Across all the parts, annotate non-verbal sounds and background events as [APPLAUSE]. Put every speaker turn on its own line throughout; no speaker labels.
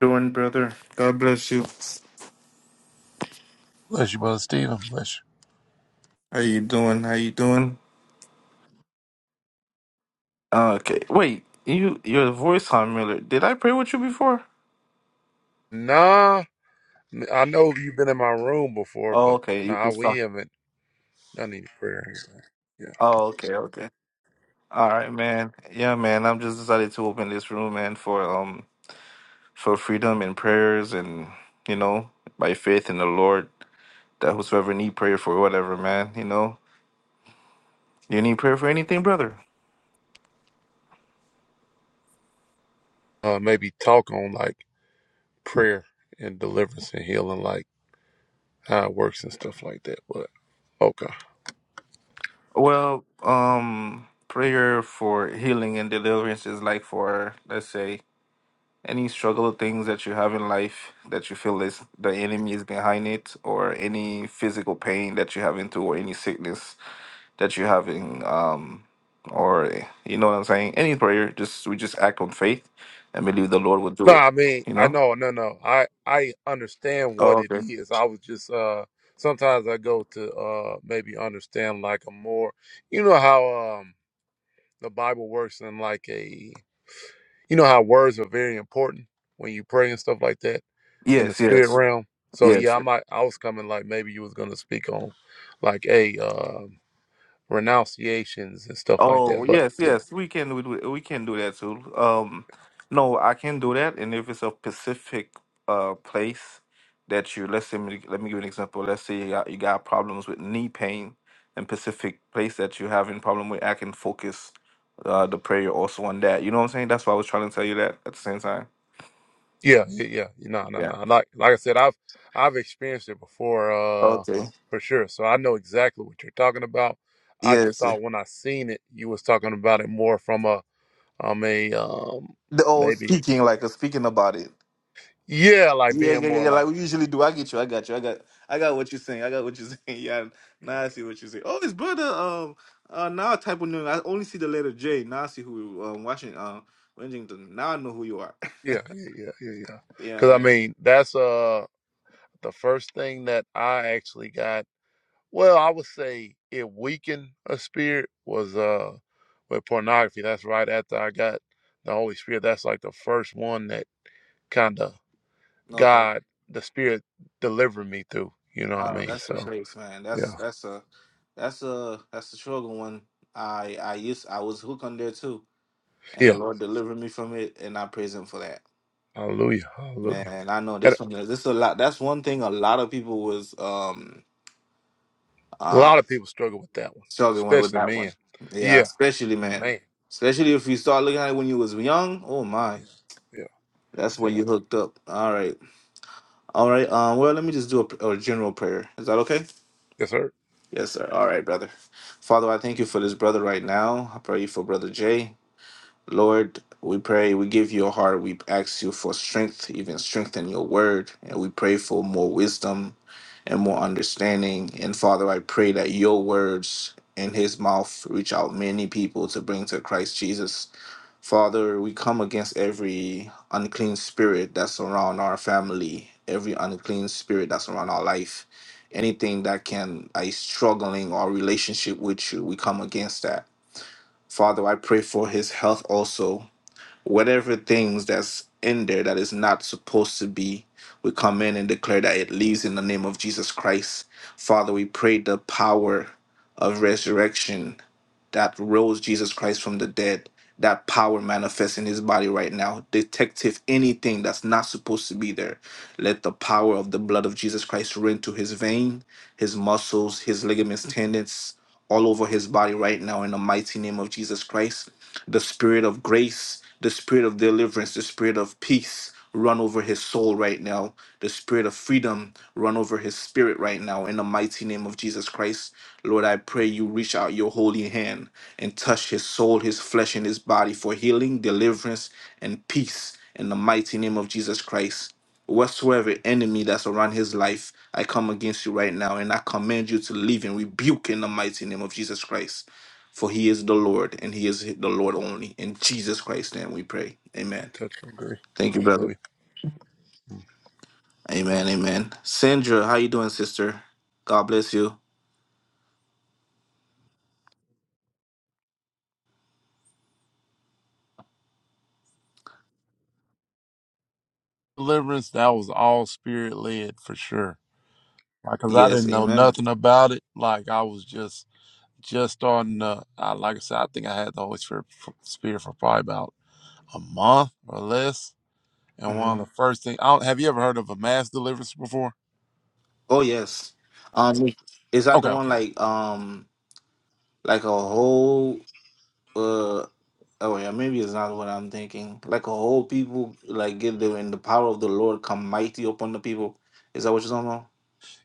doing, brother? God bless you.
Bless you, Brother Stephen. Bless
How you doing? How you doing? Okay. Wait, you your voice on Miller. Did I pray with you before?
Nah, I know you've been in my room before,
Oh,
but
okay. You
nah,
just
we
talk.
haven't done any prayer here. you.
Oh, okay, okay. All right, man. Yeah, man. I'm just decided to open this room, man, for um for freedom and prayers and you know by faith in the Lord that whosoever need prayer for whatever, man. You know, you need prayer for anything, brother.
Uh, maybe talk on like prayer and deliverance and healing, like how it works and stuff like that. But okay,
Well, um, prayer for healing and deliverance is like for let's say Any struggle things that you have in life that you feel is the enemy is behind it, or any physical pain that you have into, or any sickness that you have in, um, or eh, you know what I'm saying? Any prayer, just we just act on faith and believe the Lord will do
no,
it.
I mean,
You
I
know?
know, no, no, I I understand
Oh,
what it
okay.
is. I was just uh, sometimes I go to uh maybe understand like a more, you know how um the Bible works in like a You know how words are very important when you pray and stuff like that in the
Yes,
spirit
yes,
realm. So
yes.
yeah, I might I was coming like maybe you was gonna speak on like a uh, renunciations and stuff like that.
Oh
But
yes,
yeah,
yes, we can we, do- we can do that too. Um, no, I can do that, and if it's a specific uh place that you let's say me- let me give you an example. Let's say you got, you got problems with knee pain, and specific place that you're having problem with, I can focus uh the prayer also on that. You know what I'm saying? That's why I was trying to tell you that at the same time.
yeah, yeah, yeah. No, no,
Yeah.
no. Like like I said, I've I've experienced it before, uh,
Okay.
for sure. So I know exactly what you're talking about. I just
Yes.
thought when I seen it, you was talking about it more from a um a um
The, oh,
maybe
speaking like uh, speaking about it.
yeah, like
Yeah,
being
yeah, yeah,
more
yeah. Like
like.
we usually do. I get you. I got you. I got. I got what you're saying. I got what you're [LAUGHS] saying. Yeah. Now I see what you're saying. Oh, his brother. Um. Uh. Now I type of name. I only see the letter J. Now I see who. Um. Washington. Um. Washington. Now I know who you are.
Yeah, yeah, yeah, yeah, yeah.
[LAUGHS] yeah,
Because I
man.
mean, that's uh the first thing that I actually got. Well, I would say it weakened a spirit was uh with pornography. That's right after I got the Holy Spirit. That's like the first one that kind of
Okay.
God, the Spirit, delivered me through. You know what I
Oh,
mean?
that's a
So
grace, man. That's
yeah,
that's a that's a that's a struggle one. I I used I was hooked on there too, and the
yeah.
Lord delivered me from it, and I praise Him for that.
Hallelujah, hallelujah.
Man, I know
And
this one. This a lot. That's one thing a lot of people was um
a
uh,
lot of people struggle with that one,
Struggle one with
especially
that one.
men.
Yeah,
Yeah,
especially man.
man.
Especially if you start looking at it when you was young. Oh my.
Yeah, yeah.
That's when
yeah.
you hooked up. All right. All right. Um, well, let me just do a, a general prayer. Is that okay?
Yes, sir.
Yes, sir. All right, brother. Father, I thank you for this brother right now. I pray you for brother Jay. Lord, we pray, we give you a heart. We ask you for strength, even strength in your word. And we pray for more wisdom and more understanding. And Father, I pray that your words in his mouth reach out many people to bring to Christ Jesus. Father, we come against every unclean spirit that's around our family, every unclean spirit that's around our life. Anything that can is struggling our relationship with you, we come against that. Father, I pray for his health also whatever things that's in there that is not supposed to be, we come in and declare that it leaves in the name of Jesus Christ. Father, we pray the power of resurrection that rose Jesus Christ from the dead, that power manifests in his body right now. Detective, anything that's not supposed to be there, let the power of the blood of Jesus Christ run to his vein his muscles, his ligaments, tendons, all over his body right now in the mighty name of Jesus Christ. The spirit of grace, the spirit of deliverance, the spirit of peace run over his soul right now. The spirit of freedom run over his spirit right now in the mighty name of Jesus Christ. Lord, I pray you reach out your holy hand and touch his soul, his flesh, and his body for healing, deliverance, and peace in the mighty name of Jesus Christ. Whatsoever enemy that's around his life, I come against you right now, and I command you to leave and rebuke in the mighty name of Jesus Christ. For he is the Lord, and he is the Lord only. In Jesus Christ's name we pray.
I
Amen.
touch and agree.
Thank you, brother.
Hallelujah. Mm.
Amen. Amen. Sandra, how you doing, sister? God bless you.
deliverance, that was all spirit led for sure. Like, cause I
Yes,
didn't know
amen.
nothing about it. Like, I was just just starting to. I, like I said, I think I had the Holy Spirit for, Spirit for probably about a month or less. And one
hmm
of the first things, I don't, have you ever heard of a mass deliverance before?
Oh yes. Um is that the
Okay,
one
okay,
like um like a whole uh Oh yeah, maybe it's not what I'm thinking. Like a whole people, like get there and the power of the Lord come mighty upon the people. Is that what you're talking about?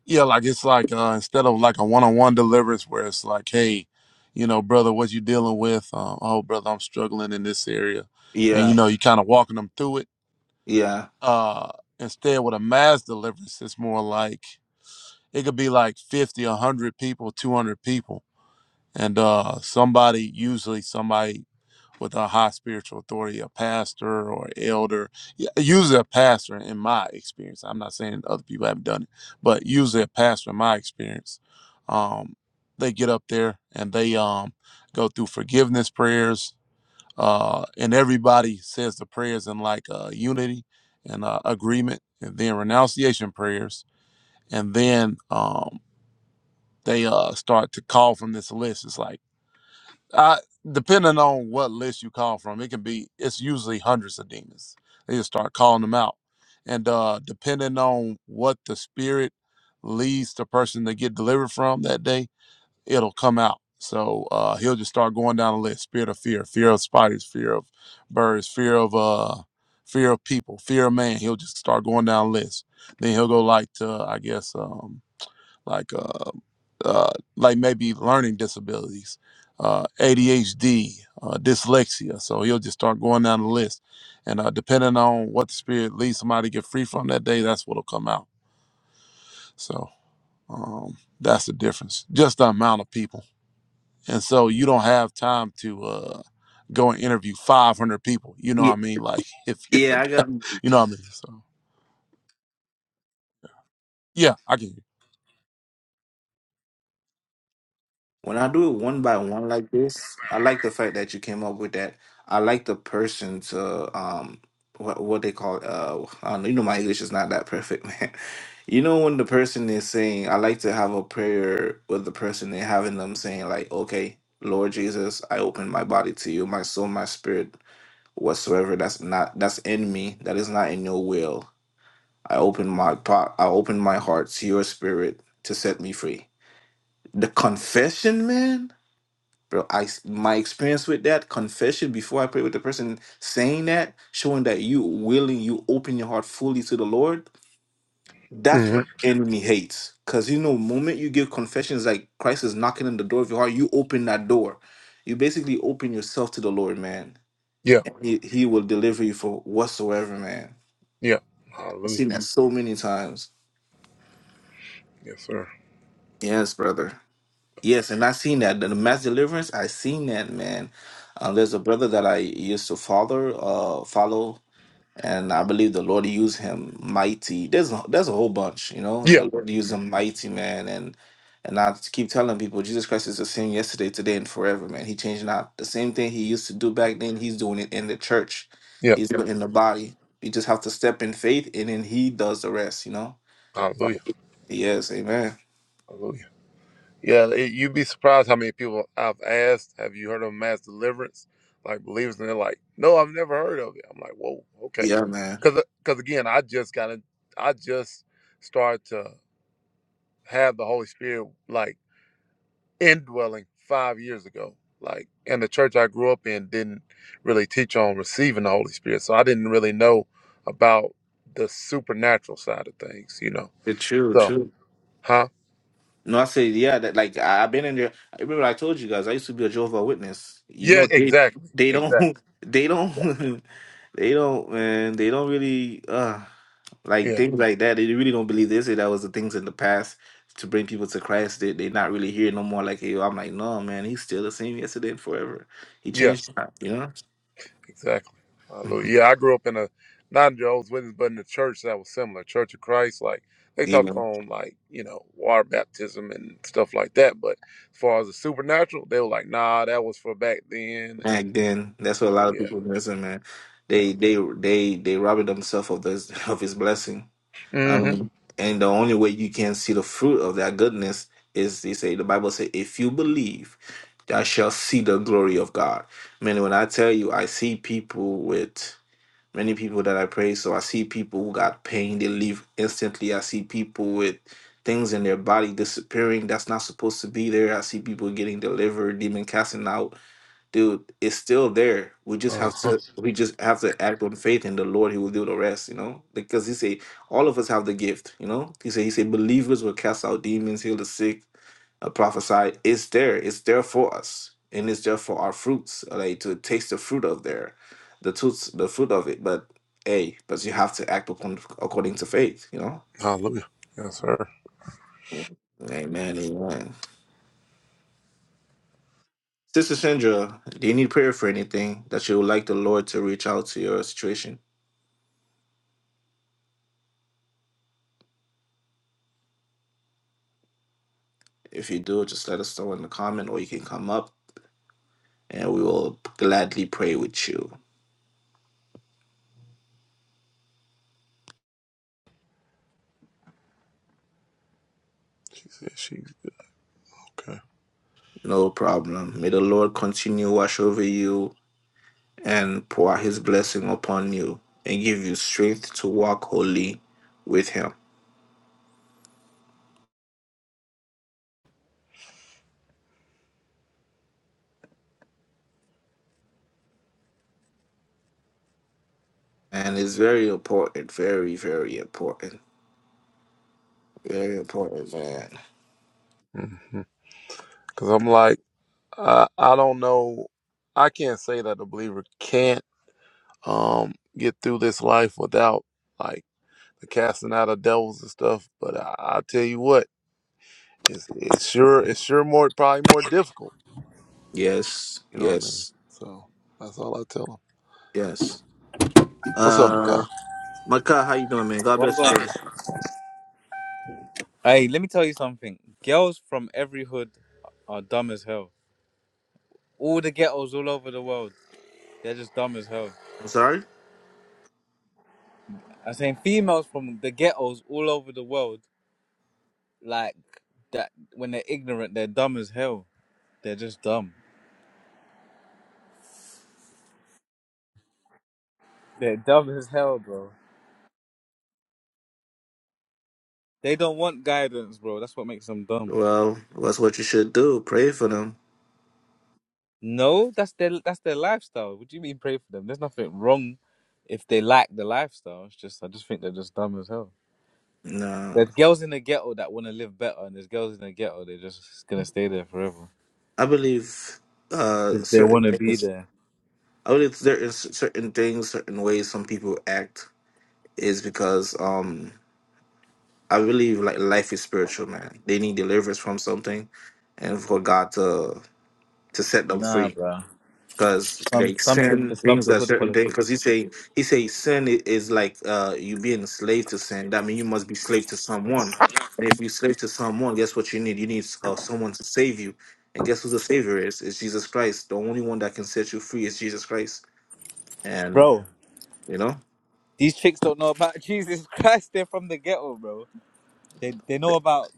yeah. Like it's like uh, instead of like a one on one deliverance where it's like, hey, you know, brother, what you dealing with? Um, oh, brother, I'm struggling in this area, and
Yeah,
you know, you kind of walking them through it
yeah,
uh instead with a mass deliverance it's more like it could be like 50 100 people 200 people and uh somebody usually somebody with a high spiritual authority a pastor or elder y- usually a pastor in my experience i'm not saying other people haven't done it but usually a pastor in my experience um they get up there and they um go through forgiveness prayers uh, and everybody says the prayers in like uh, unity and uh, agreement, and then renunciation prayers, and then um, they uh, start to call from this list. It's like, I, depending on what list you call from, it can be. It's usually hundreds of demons. They just start calling them out, and uh, depending on what the spirit leads the person to get delivered from that day, it'll come out. So uh, he'll just start going down the list: spirit of fear, fear of spiders, fear of birds, fear of uh, fear of people, fear of man. He'll just start going down the list. Then he'll go like to, I guess, um, like uh, uh, like maybe learning disabilities, uh, ADHD, uh, dyslexia. So he'll just start going down the list, and uh, depending on what the spirit leads somebody to get free from that day, that's what'll come out. So um, that's the difference. Just the amount of people and so you don't have time to uh go and interview 500 people you know what
yeah,
i mean like [LAUGHS] if you're
yeah. I got.
you know what i mean so yeah i can
When I do it one by one like this, I like the fact that you came up with that. I like the person to um, what what they call uh, I don't know, you know my English is not that perfect, [LAUGHS] man. You know when the person is saying, I like to have a prayer with the person and having them saying like, okay, Lord Jesus, I open my body to you, my soul, my spirit. whatsoever that's not that's in me that is not in your will i open my pot i open my heart to your spirit to set me free the confession man bro I my experience with that confession before i pray with the person saying that showing that you willing you open your heart fully to the lord that's
hmm
what the enemy hates because you know moment you give confessions like christ is knocking on the door of your heart you open that door you basically open yourself to the lord man
Yeah.
and he, he will deliver you for whatsoever man
Yeah.
I've
Hallelujah.
seen that so many times.
Yes, sir.
Yes, brother. Yes, and I've seen that. The mass deliverance, i seen that, man. Uh, there's a brother that I used to follow, uh, follow, and I believe the Lord used him mighty. There's a, there's a whole bunch, you know.
Yeah.
The Lord used him mighty, man, and and I keep telling people, Jesus Christ is the same yesterday, today, and forever, man. He changed not. The same thing he used to do back then, he's doing it in the church.
Yeah.
He's doing it in the body. You just have to step in faith, and then he does the rest, you know.
Hallelujah.
Yes, amen.
Hallelujah. Yeah. it- you'd be surprised how many people I've asked, have you heard of mass deliverance? Like believers, and they're like, no, I've never heard of it. I'm like, whoa, okay.
Yeah, man.
Because, because again, I just kind of I just started to have the Holy Spirit. Like, indwelling five years ago. Like, and the church I grew up in didn't really teach on receiving the Holy Spirit, so I didn't really know about the supernatural side of things, you know.
It's true,
So,
true.
huh?
No, I say, yeah, that like I- I've been in there. I remember I told you guys I used to be a Jehovah Witness. You
Yeah,
know, they
exactly,
they don't
exactly,
[LAUGHS] they
exactly.
don't [LAUGHS] they don't man, they don't really uh like
Yeah,
things like that. They really don't believe this. That was the things in the past to bring people to Christ. They they not really here no more. Like hey, I'm like, no man, he's still the same yesterday and forever. He
yeah,
changed not, you know? [LAUGHS]
exactly. Hallelujah. Yeah, I grew up in a not in Jehovah's Witness, but in a church that was similar, Church of Christ. Like they
Yeah.
talked on like you know water baptism and stuff like that, but as far as the supernatural, they were like, nah, that was for back then, and
back then. That's
you
what a
know,
lot of
yeah.
people missing, man.
Yeah.
They they they they robbing themselves of this [LAUGHS] of his blessing.
Mm-hmm.
Um, and the only way you can see the fruit of that goodness is they say the Bible say, if you believe, thou shall see the glory of God. Man, when I tell you, I see people with many people that I pray. So I see people who got pain, they leave instantly. I see people with things in their body disappearing that's not supposed to be there. I see people getting delivered, demon casting out dude, it's still there. We just have
Uh-huh.
to we just have to act on faith in the Lord. He will do the rest, you know. Because he say all of us have the gift, you know. He said he said believers will cast out demons, heal the sick, uh, prophesy. It's there. It's there for us, and it's there for our fruits, like to taste the fruit of there, the toots, the fruit of it. But hey, but you have to act upon according to faith, you know.
Hallelujah. Yes, sir.
Amen. Amen. Sister Sandra, do you need prayer for anything that you would like the Lord to reach out to your situation? If you do, just let us know in the comment or you can come up and we will gladly pray with you.
She said she's okay.
No problem. May the Lord continue wash over you and pour his blessing upon you and give you strength to walk holy with him. And it's very important, very, very important. Very important, man.
Mm-hmm. Cause I'm like, I, I don't know. I can't say that a believer can't um get through this life without like the casting out of devils and stuff. But I, I tell you what, it's it's sure it's sure more probably more difficult.
Yes,
You know what I mean?
yes,
So that's all I tell them.
yes.
What's up,
Uh
Makai?
Maka, how you doing, man? God bless you,
Brother,
brothers.
hey, let me tell you something. Girls from every hood are dumb as hell. All the ghettos all over the world, they're just dumb as hell.
I'm sorry?
I'm saying females from the ghettos all over the world, like that, when they're ignorant, they're dumb as hell. They're just dumb. They're dumb as hell, bro. They don't want guidance, bro. That's what makes them dumb.
Well, that's what you should do. Pray for them.
No, that's their that's their lifestyle. What do you mean pray for them? There's nothing wrong if they like the lifestyle. It's just I just think they're just dumb as hell.
No.
There's girls in the ghetto that want to live better, and there's girls in the ghetto they're just gonna stay there forever
I believe uh,
because they
certain
want to be
things.
there.
I believe there is certain things, certain ways some people act is because um, I believe like life is spiritual, man. They need deliverance from something, and for God to to set them
Nah,
free.
bro.
because
Some
like
some chicks
sin
just love
things
the
that
hood
certain things
politics,
because he say he say sin i- is like uh you being a slave to sin that means you must be slave to someone and if you slave to someone guess what you need you need uh, someone to save you and guess who the savior is it's jesus christ the only one that can set you free is jesus christ and
bro.
you know
These chicks don't know about [LAUGHS] Jesus Christ. They're from the ghetto, bro. They they know about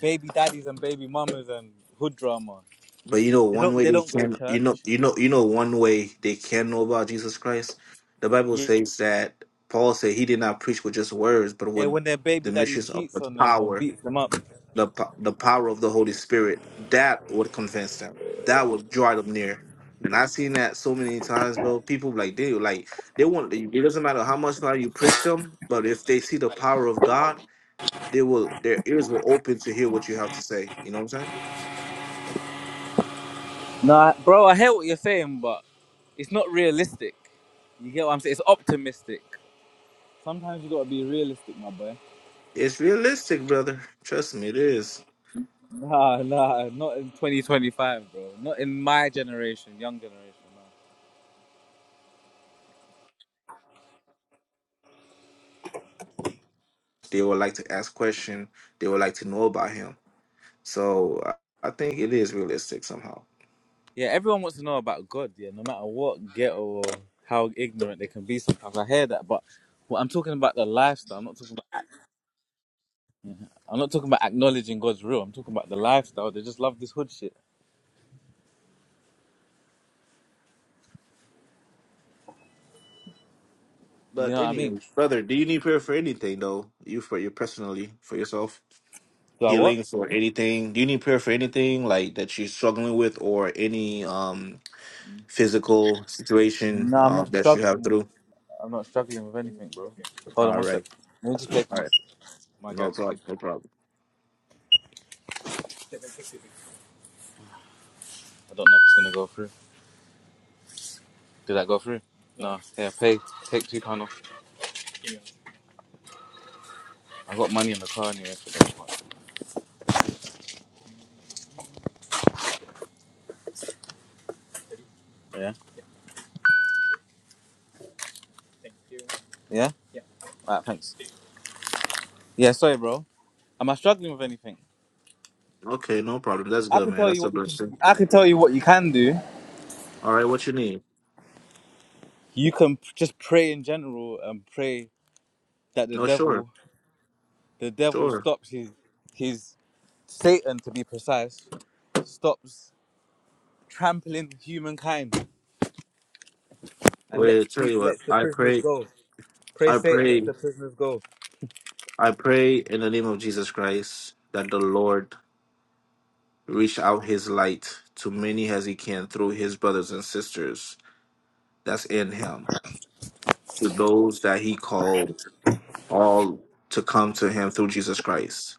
baby daddies and baby mamas and hood drama.
but you know
They
one
don't
way
they
they
don't go to
can you know
church.
you know you know one way they can know about jesus christ the bible
Yeah,
says that paul said he did not preach with just words but
yeah,
with
when their baby
the
daddy
missions of
cheats
the
on them or
power
beats them up.
the po- the power of the Holy Spirit, that would convince them. That would draw them near. And I've seen that so many times, bro. People like they like they want. It doesn't matter how much now you preach them, but if they see the power of God, they will. Their ears will open to hear what you have to say. You know what I'm saying?
Nah, bro. I hear what you're saying, but it's not realistic. You get what I'm saying? It's optimistic. Sometimes you gotta be realistic, my boy.
It's realistic, brother. Trust me, it is.
Nah, nah, not in 2025, bro. Not in my generation, young generation. No.
They would like to ask question. They would like to know about Him. So I I think it is realistic somehow.
Yeah, everyone wants to know about God, yeah, no matter what ghetto or how ignorant they can be sometimes. I hear that, but well, I'm talking about the lifestyle. I'm not talking about I'm not talking about acknowledging God's real. I'm talking about the lifestyle. They just love this hood shit. You
But
know what I mean?
anyway, brother, do you need prayer for anything though? You for you personally for yourself?
Do I what?
healings or anything? Do you need prayer for anything like that you're struggling with or any um physical situation
No, I'm
uh,
not
that you have
struggling with
through?
I'm not struggling with anything, bro. Hold on
All
one sec.
right.
Let me just play for
All
my
right.
my
No
gas one.
problem. No problem.
I don't know if it's gonna go through. Did that go through? No. Yeah, pay take two pound off. I got money in the car anyway for that one. Yeah? Yeah? Alright, thanks. Yeah, sorry bro. Am I struggling with anything?
Okay, no problem. That's
I
good,
can
man.
tell you
That's a
what you can
blessing.
I can tell you what you can do.
All right, what you need?
You can p- just pray in general and pray that the
Oh sure.
devil the devil
Sure.
stops his his Satan to be precise stops trampling humankind and lets
Wait, tell you
people
what,
lets the
I
prisoners
pray
go. Pray
I
Satan lets
pray
the prisoners go.
I pray in the name of Jesus Christ that the Lord reach out his light to many as he can through his brothers and sisters that's in him to those that he called all to come to him through Jesus Christ.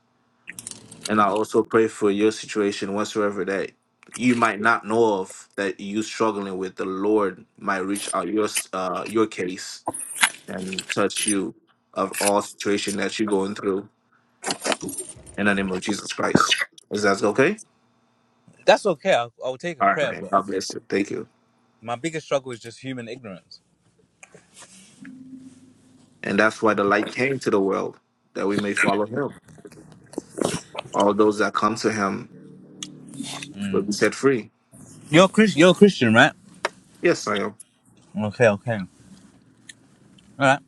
And I also pray for your situation whatsoever that you might not know of that you struggling with the Lord might reach out your uh, your case and touch you of all situation that you're going through in the name of Jesus Christ. Is that okay?
That's okay. I'll, I'll take a
All right,
prayer,
man.
but
God bless you. Thank you.
My biggest struggle is just human ignorance.
And that's why the light came to the world that we may follow him. All those that come to him will be set free.
You're Chris. You're a Christian, right?
Yes, I am.
Okay, okay, all right.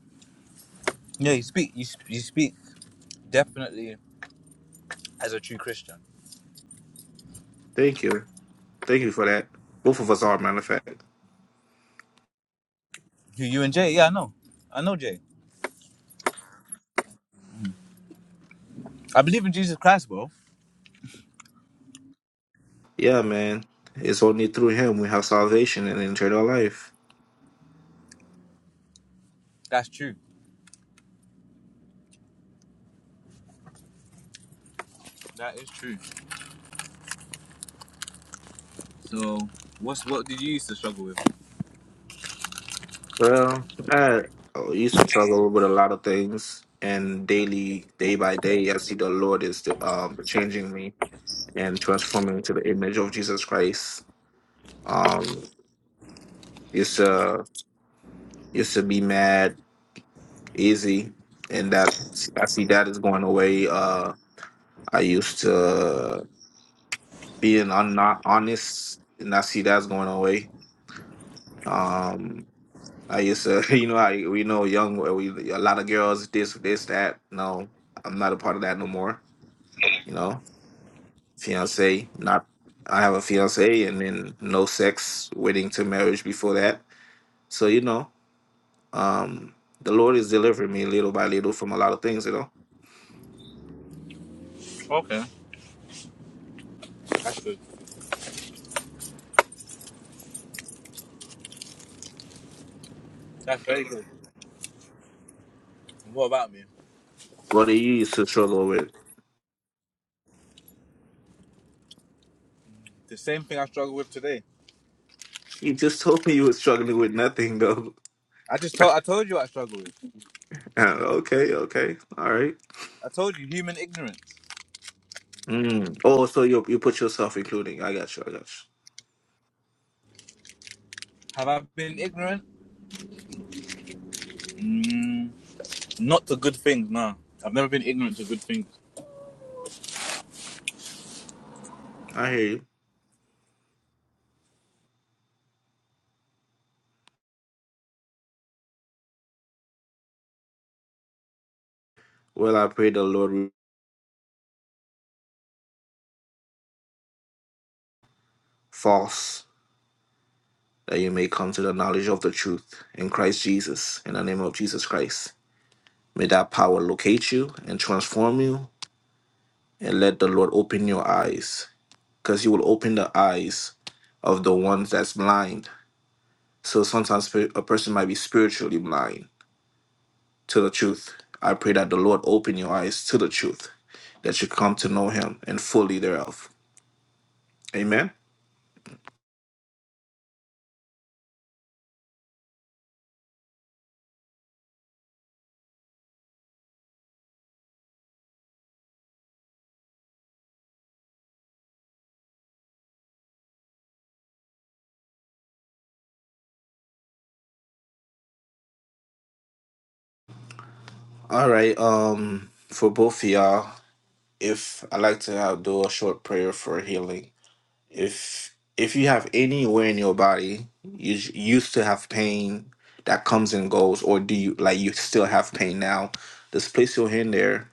Yeah, you speak. You sp- you speak definitely as a true Christian.
Thank you. Thank you for that. Both of us are, matter of fact.
You, you and Jay. Yeah, I know. I know Jay. I believe in Jesus Christ, bro.
Yeah, man. It's only through him we have salvation and eternal life.
That's true. That is true. So, what's what did you used to struggle with?
Well, I used to struggle with a lot of things, and daily, day by day, I see the Lord is um, changing me and transforming me to the image of Jesus Christ. Um, used to used to be mad easy, and that I see that is going away. Uh, I used to being un- not honest, and I see that's going away. Um, I used to, [LAUGHS] you know, I we know young, we a lot of girls this, this, that. No, I'm not a part of that no more. You know, fiance, not. I have a fiance, and then no sex, waiting to marriage before that. So you know, um, the Lord is delivering me little by little from a lot of things. You know,
Okay, that's good. That's very good. What about me?
what do you used to struggle with?
The same thing I struggle with today.
You just [LAUGHS] told me you were struggling with nothing, though.
I just told I told you what I struggle with.
[LAUGHS] okay, okay, all right.
I told you human ignorance.
Mm. Oh, so you you put yourself including. I got you. I got you.
Have I been ignorant? Mm, Not to good things, no. I've never been ignorant to good things.
I hear you. Well, I pray the Lord. false, that you may come to the knowledge of the truth in Christ Jesus, in the name of Jesus Christ. May that power locate you and transform you, and let the Lord open your eyes, because He will open the eyes of the ones that's blind. So sometimes pe- a person might be spiritually blind to the truth. I pray that the Lord open your eyes to the truth, that you come to know Him and fully thereof. Amen. All right. Um, for both of y'all, If I like to have, do a short prayer for healing. If if you have anywhere in your body you j- used to have pain that comes and goes, or do you like you still have pain now? Just place your hand there,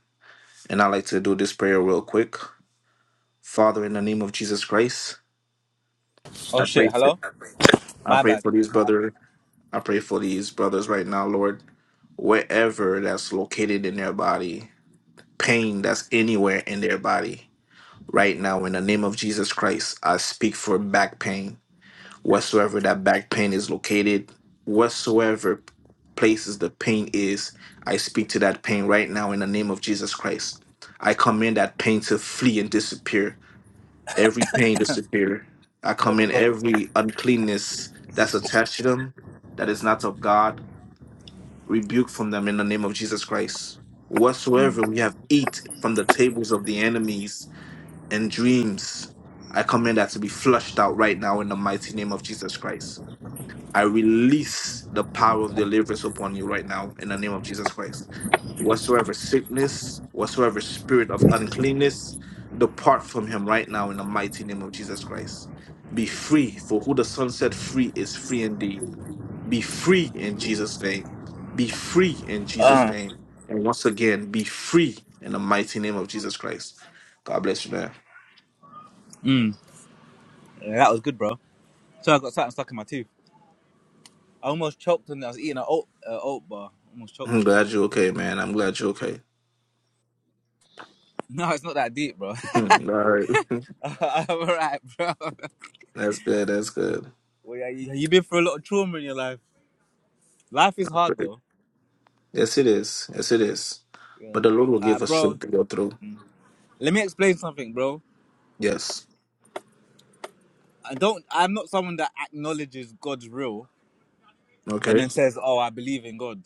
and I like to do this prayer real quick. Father, in the name of Jesus Christ, I
Oh
pray.
shit,
For,
hello?
I
My
pray
bad.
for
It
these
cut out.
brother. I pray for these brothers right now, Lord. Wherever that's located in their body, pain that's anywhere in their body. Right now, in the name of Jesus Christ, I speak for back pain, whatsoever that back pain is located, whatsoever places the pain is, I speak to that pain right now in the name of Jesus Christ. I command that pain to flee and disappear. Every pain disappear. I
Oh my
command
god.
every uncleanness that's attached to them, that is not of God, rebuke from them in the name of Jesus Christ. Whatsoever we have eat from the tables of the enemies, and dreams. I command that to be flushed out right now in the mighty name of Jesus Christ. I release the power of deliverance upon you right now in the name of Jesus Christ. Whatsoever sickness, whatsoever spirit of uncleanness, depart from him right now in the mighty name of Jesus Christ. Be free, for who the Son set free is free indeed. Be free in Jesus' name. Be free in Jesus'
Uh,
name. And once again, be free in the mighty name of Jesus Christ. God bless you, man.
mm, yeah, that was good, bro. So I got something stuck in my tooth. I almost choked on it. I was eating an oat, uh, oat bar. Almost choked
I'm
on it. [LAUGHS]
glad you're okay, man. I'm glad you're okay.
No, it's not that deep, bro.
[LAUGHS] All right.
[LAUGHS] I'm alright, bro. [LAUGHS]
[LAUGHS] That's good. That's good.
Well, yeah, you, you've been through a lot of trauma in your life. Life is hard,
Great.
though.
Yes, it is. Yes, it is.
Yeah.
But the Lord will
Uh,
give us
bro,
strength to go through.
let me explain something, bro.
Yes.
I don't. I'm not someone that acknowledges God's real. and
Okay.
then says, "Oh, I believe in God."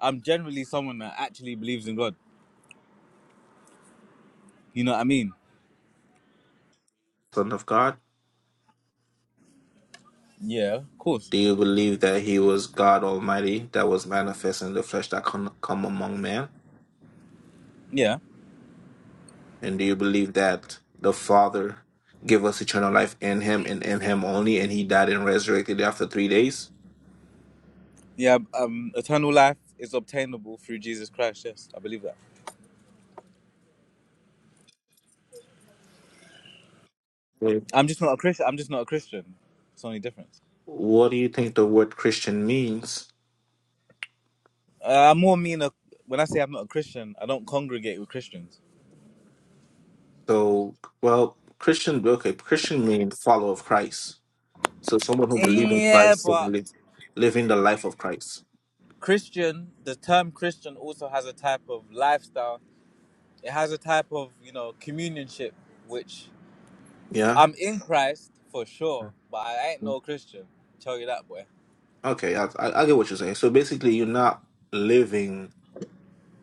I'm generally someone that actually believes in God. You know what I mean?
Son of God,
Yeah, of course.
do you believe that He was God Almighty that was manifest in the flesh that come, come among man?
Yeah,
And do you believe that the Father gave us eternal life in Him and in Him only, and He died and resurrected after three days?
yeah. Um, eternal life is obtainable through Jesus Christ. Yes, I believe that.
Right.
I'm just not a Christian. I'm just not a Christian. It's the only difference.
What do you think the word Christian means?
Uh, I more mean a, when I say I'm not a Christian, I don't congregate with Christians.
So, well, Christian, okay, Christian means follower of Christ. So, someone who believes in
Yeah,
Christ, and
but
live, living the life of Christ.
Christian, the term Christian also has a type of lifestyle. It has a type of you know communionship, which
Yeah.
I'm in Christ for sure, but I ain't
Mhm.
no Christian. Tell you that, boy.
Okay, I, I I get what you're saying. So, basically, you're not living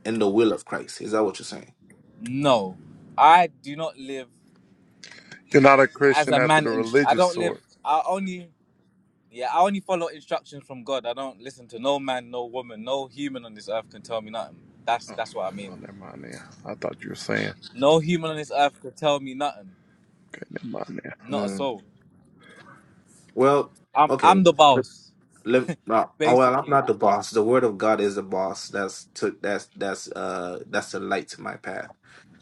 in the will of Christ. Is that what you're saying?
No, I do not live
You're not a
as
Christian
a
after
man.
the
In I
religious
don't
sort.
live. I only yeah. I only follow instructions from God. I don't listen to no man, no woman, no human on this earth can tell me nothing. That's that's what I mean.
Well, never mind now. I thought you were saying.
No human on this earth can tell me nothing.
Okay, never mind now.
Not a
Mm.
soul.
Well,
I'm I'm the
okay.
boss,
Live, uh, oh well, I'm
basically.
not the boss. The word of God is the boss. That's to that's that's uh that's the light to my path.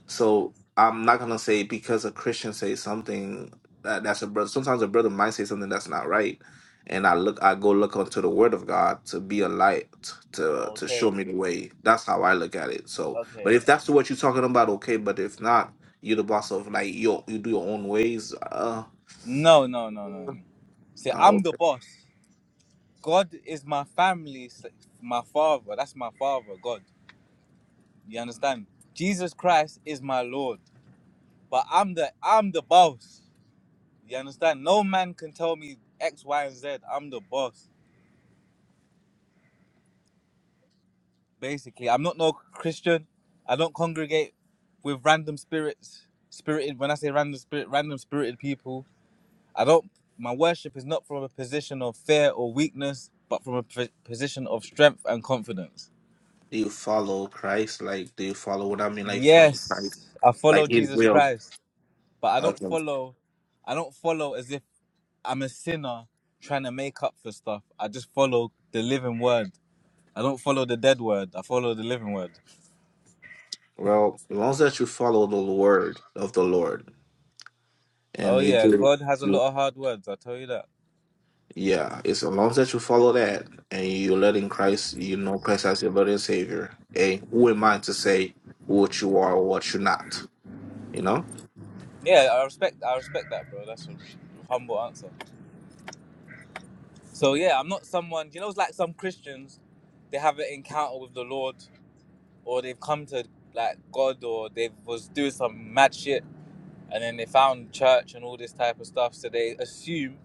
So I'm not gonna say because a Christian says something that that's a brother. Sometimes a brother might say something that's not right, and I look, I go look onto the word of God to be a light to to show
Okay.
me the way. That's how I look at it. So, but
Okay.
if that's what you're talking about, okay. But if not, you're the boss of like you you do your own ways. Uh,
No, no, no, no. no. See,
uh,
I'm the boss. God is my family, my father. That's my father, God. You understand? Jesus Christ is my Lord, but I'm the I'm the boss. You understand? No man can tell me X, Y, and Z. I'm the boss. Basically, I'm not no Christian. I don't congregate with random spirits. Spirited. When I say random spirit, random spirited people. I don't. My worship is not from a position of fear or weakness, but from a p- position of strength and confidence.
Do you follow Christ? Like, do you follow what I mean? Like, follow Christ?
Yes, I
Like
follow
His
Jesus
will?
Christ, but I don't
Okay.
follow. I don't follow as if I'm a sinner trying to make up for stuff. I just follow the living word. I don't follow the dead word. I follow the living word.
Well, as long as that you follow the word of the Lord,
Oh
and you
yeah,
do,
God has a lot of hard words. I tell you that.
yeah. It's as long as that you follow that, and you're letting Christ, you know Christ as your Lord and Savior. Hey, who am I to say what you are or what you're not? You know.
Yeah, I respect. I respect that, bro. That's a humble answer. So yeah, I'm not someone. You know, it's like some Christians, they have an encounter with the Lord, or they've come to like God, or they was doing some mad shit and then they found church and all this type of stuff. So they assume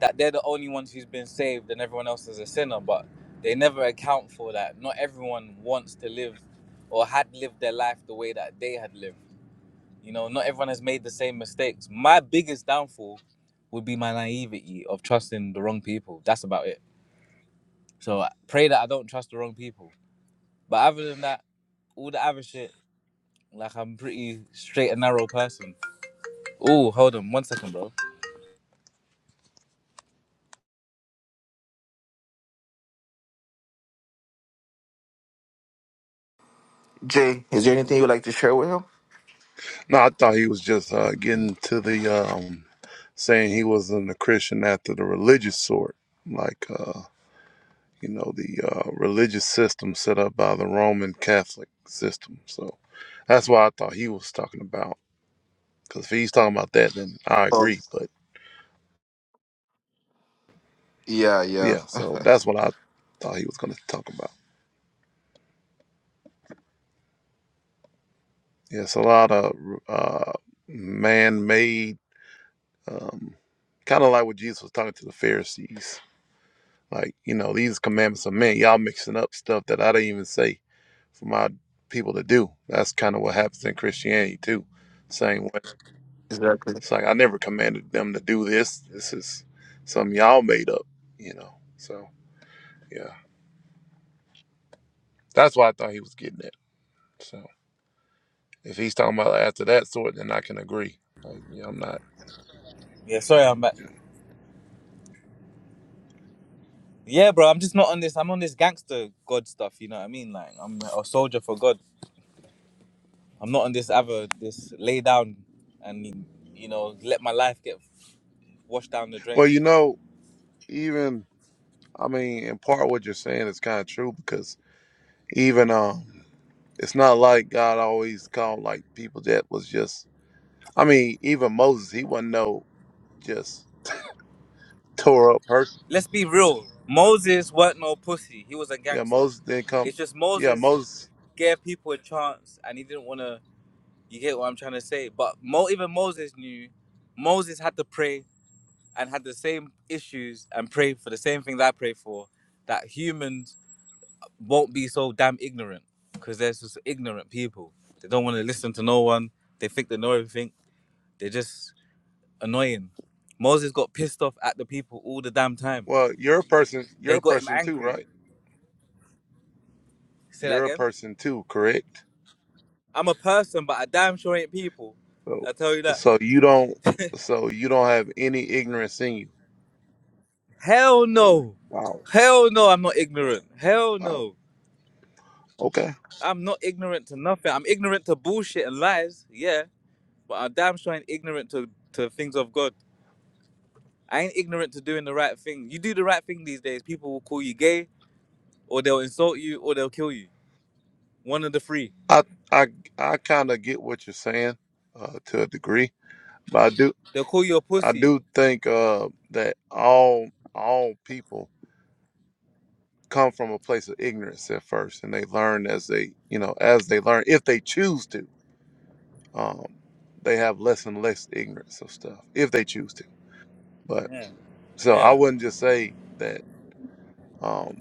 that they're the only ones who's been saved and everyone else is a sinner, but they never account for that. Not everyone wants to live or had lived their life the way that they had lived. You know, not everyone has made the same mistakes. My biggest downfall would be my naivety of trusting the wrong people. That's about it. So I pray that I don't trust the wrong people. But other than that, all the other shit, like I'm a pretty straight and narrow person. Oh, hold on one second, bro.
Jay, is there anything you'd like to share with him?
No, I thought he was just uh, getting to the um, saying he wasn't a Christian after the religious sort, like uh, you know the uh, religious system set up by the Roman Catholic system. So that's why I thought he was talking about. Because if he's talking about that, then I
Oh,
agree. But
yeah, yeah,
yeah, so that's what I thought he was going to talk about. Yeah, it's a lot of uh, man-made Um, kind of like what Jesus was talking to the Pharisees. Like, you know, these commandments of men, y'all mixing up stuff that I didn't even say for my people to do. That's kind of what happens in Christianity too. Same way.
[LAUGHS] exactly.
It's like I never commanded them to do this. This is something y'all made up, you know. So yeah. That's why I thought he was getting at. So if he's talking about after that sort, then I can agree. Like, yeah, I'm not
Yeah, sorry, I'm back.
Yeah.
Yeah, bro. I'm just not on this. I'm on this gangster God stuff. You know what I mean? Like I'm a soldier for God. I'm not on this other this lay down and you know let my life get washed down the drain.
well, you know, even I mean, in part what you're saying is kind of true because even um it's not like god always called like people that was just i mean even moses he wasn't no just tore up person
Let's be real. Moses weren't no pussy. He was a
yeah
gangster.
moses didn't come
It's just
yeah
Moses
moses
gave people a chance and he didn't want to. You get what I'm trying to say? But Mo, even Moses knew. Moses had to pray and had the same issues and pray for the same thing that I pray for. That humans won't be so damn ignorant because there's just ignorant people. They don't want to listen to no one. They think they know everything. They're just annoying. Moses got pissed off at the people all the damn time.
well you're a person you're
They
a
got him
person too
angry.
right
Say that
you're a
again.
person too correct
I'm a person, but I damn sure ain't people.
so
I tell you that.
so you don't so you don't have any ignorance in you
Hell
oh
no.
wow
Hell no, I'm not ignorant. Hell
wow
no.
okay
I'm not ignorant to nothing. I'm ignorant to bullshit and lies, yeah, but I damn sure ain't ignorant to, to things of God. I ain't ignorant to doing the right thing. You do the right thing these days, people will call you gay, or they'll insult you, or they'll kill you. One of the three.
i i i kind of get what you're saying uh to a degree but i do
They'll call you a
I
pussy.
do think uh, that all all people come from a place of ignorance at first, and they learn as they you know as they learn if they choose to. Um, they have less and less ignorance of stuff if they choose to. But so I
Yeah.
wouldn't just say that. Um,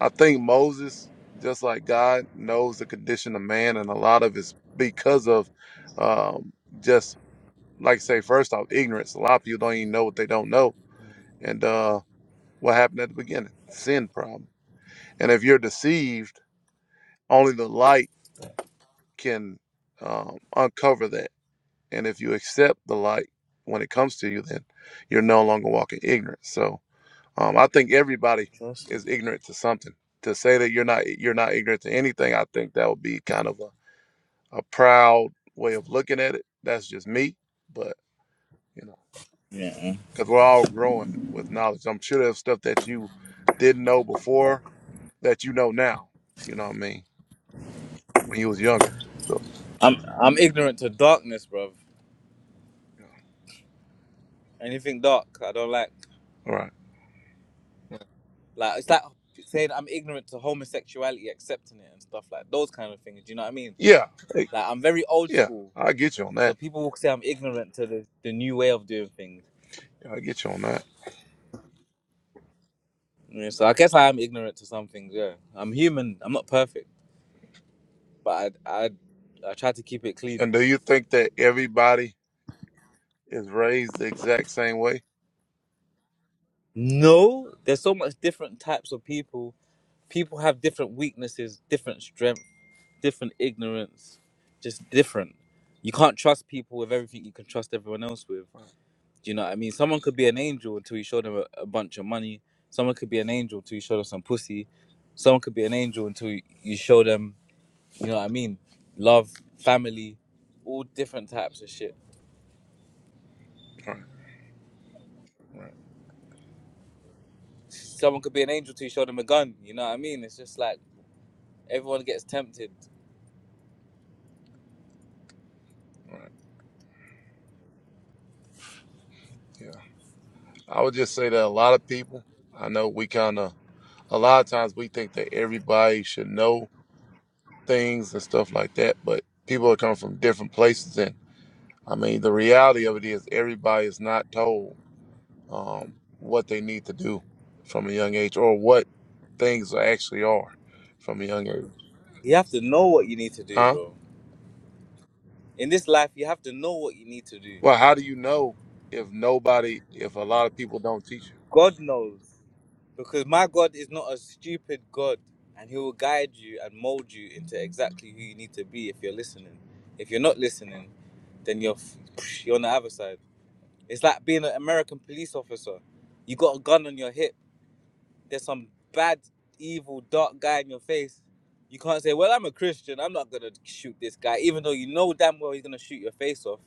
I think Moses, just like God, knows the condition of man, and a lot of it's because of um, just like I say first off ignorance. A lot of people don't even know what they don't know, and. uh, What happened at the beginning? Sin problem. And if you're deceived, only the light can um, uncover that. And if you accept the light when it comes to you, then you're no longer walking ignorant. So um, I think everybody is ignorant to something. To say that you're not you're not ignorant to anything, I think that would be kind of a, a proud way of looking at it. That's just me, but you know,
Yeah.
because we're all growing with knowledge. I'm sure there's stuff that you didn't know before that you know now. You know what I mean? when you was younger. So,
I'm I'm ignorant to darkness, bruv.
yeah.
Anything dark, I don't like.
all right.
Like it's like saying I'm ignorant to homosexuality, accepting it and stuff like those kind of things. Do you know what I mean?
Yeah, hey,
Like I'm very old
yeah,
school,
I get you on
so
that.
people will say I'm ignorant to the, the new way of doing things.
Yeah, I get you on that.
Yeah, so I guess I am ignorant to some things. Yeah, I'm human. I'm not perfect. but I I I try to keep it clean.
And do you think that everybody is raised the exact same way?
No, there's so much different types of people. People have different weaknesses, different strength, different ignorance, just different. You can't trust people with everything you can trust everyone else with. Do you know what I mean? Someone could be an angel until you show them a, a bunch of money. Someone could be an angel until you show them some pussy. Someone could be an angel until you you show them, you know what I mean, love, family, all different types of shit.
Right, All right, All right.
Someone could be an angel till you show them a gun. You know what I mean? It's just like everyone gets tempted.
All right. Yeah, I would just say that a lot of people, I know we kind of, a lot of times we think that everybody should know things and stuff like that, but people are coming from different places. And I mean, the reality of it is everybody is not told um, what they need to do from a young age or what things actually are from a young age.
You have to know what you need to do,
Huh?
bro. In this life, you have to know what you need to do.
Well, how do you know if nobody, if a lot of people don't teach
God knows. Because my God is not a stupid God. And He will guide you and mold you into exactly who you need to be if you're listening. If you're not listening, then you're, you're on the other side. It's like being an American police officer. You got a gun on your hip there's some bad, evil, dark guy in your face, you can't say, "Well, I'm a Christian. I'm not gonna shoot this guy," even though you know damn well he's gonna shoot your face off.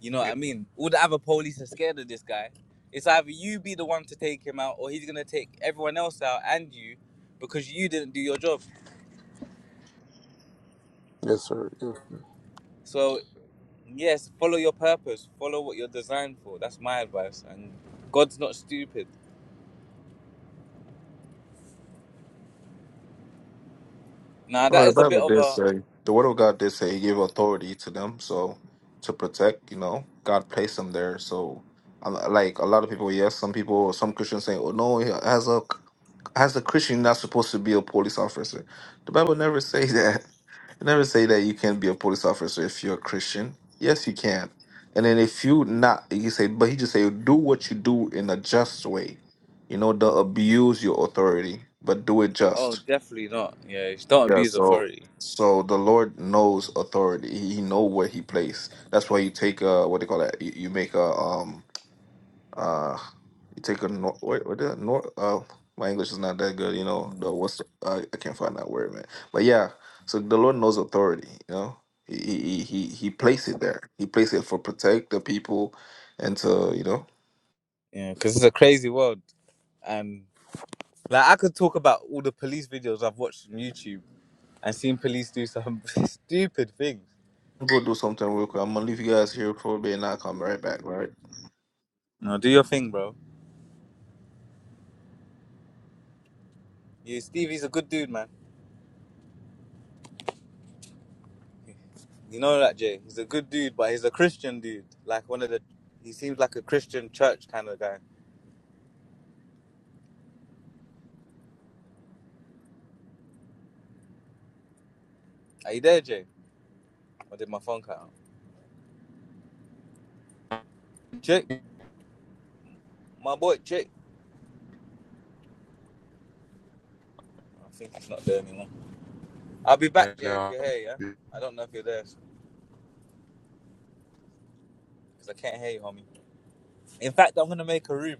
You know
you?
what I mean? All the other police are scared of this guy. It's either you be the one to take him out, or he's gonna take everyone else out and you, because you didn't do your job.
Yeah. Yes, sir. Yes, sir.
So yes, follow your purpose. Follow what you're designed for. That's my advice. And God's not stupid. Now
Well,
that
the
is a
Bible
bit of
did
a
say the Word of God did say He gave authority to them, so to protect, you know, God placed them there. So, I- like a lot of people, yes, some people, some Christians say, "Oh no, as a as a Christian, you're not supposed to be a police officer." The Bible never [LAUGHS] say that. It never say that you can't be a police officer if you're a Christian. Yes, you can. And then if you not, you say, but he just say, do what you do in a just way. You know, don't abuse your authority, but do it
oh,
just.
definitely not. Yeah, don't
Yeah,
abuse
so
authority.
so the Lord knows authority. He, he know where he placed. That's why you take a what they call that. You, you make a um uh you take a nor what what the nor uh my English is not that good. You know the what's the, uh, I can't find that word, man. But yeah, so the Lord knows authority. You know he he he he he placed it there. He placed it for protect the people and to you know
Yeah, because it's a crazy world, and like I could talk about all the police videos I've watched on YouTube and seen police do some [LAUGHS] stupid things.
go do something real quick. I'm gonna leave you guys here for a bit and I'll come right back. Right.
No, do your thing, bro. You, Stevie's a good dude, man. You know that, Jay. He's a good dude, but he's a Christian dude. Like one of the, he seems like a Christian church kind of guy. Are you there, Jay? Or did my phone cut out? Jay, my boy, Jay. I think he's not there anymore. I'll be back,
Right
Jay, if
now.
you're here. Yeah. I don't know if you're there because I can't hear you, homie. In fact, I'm gonna make a room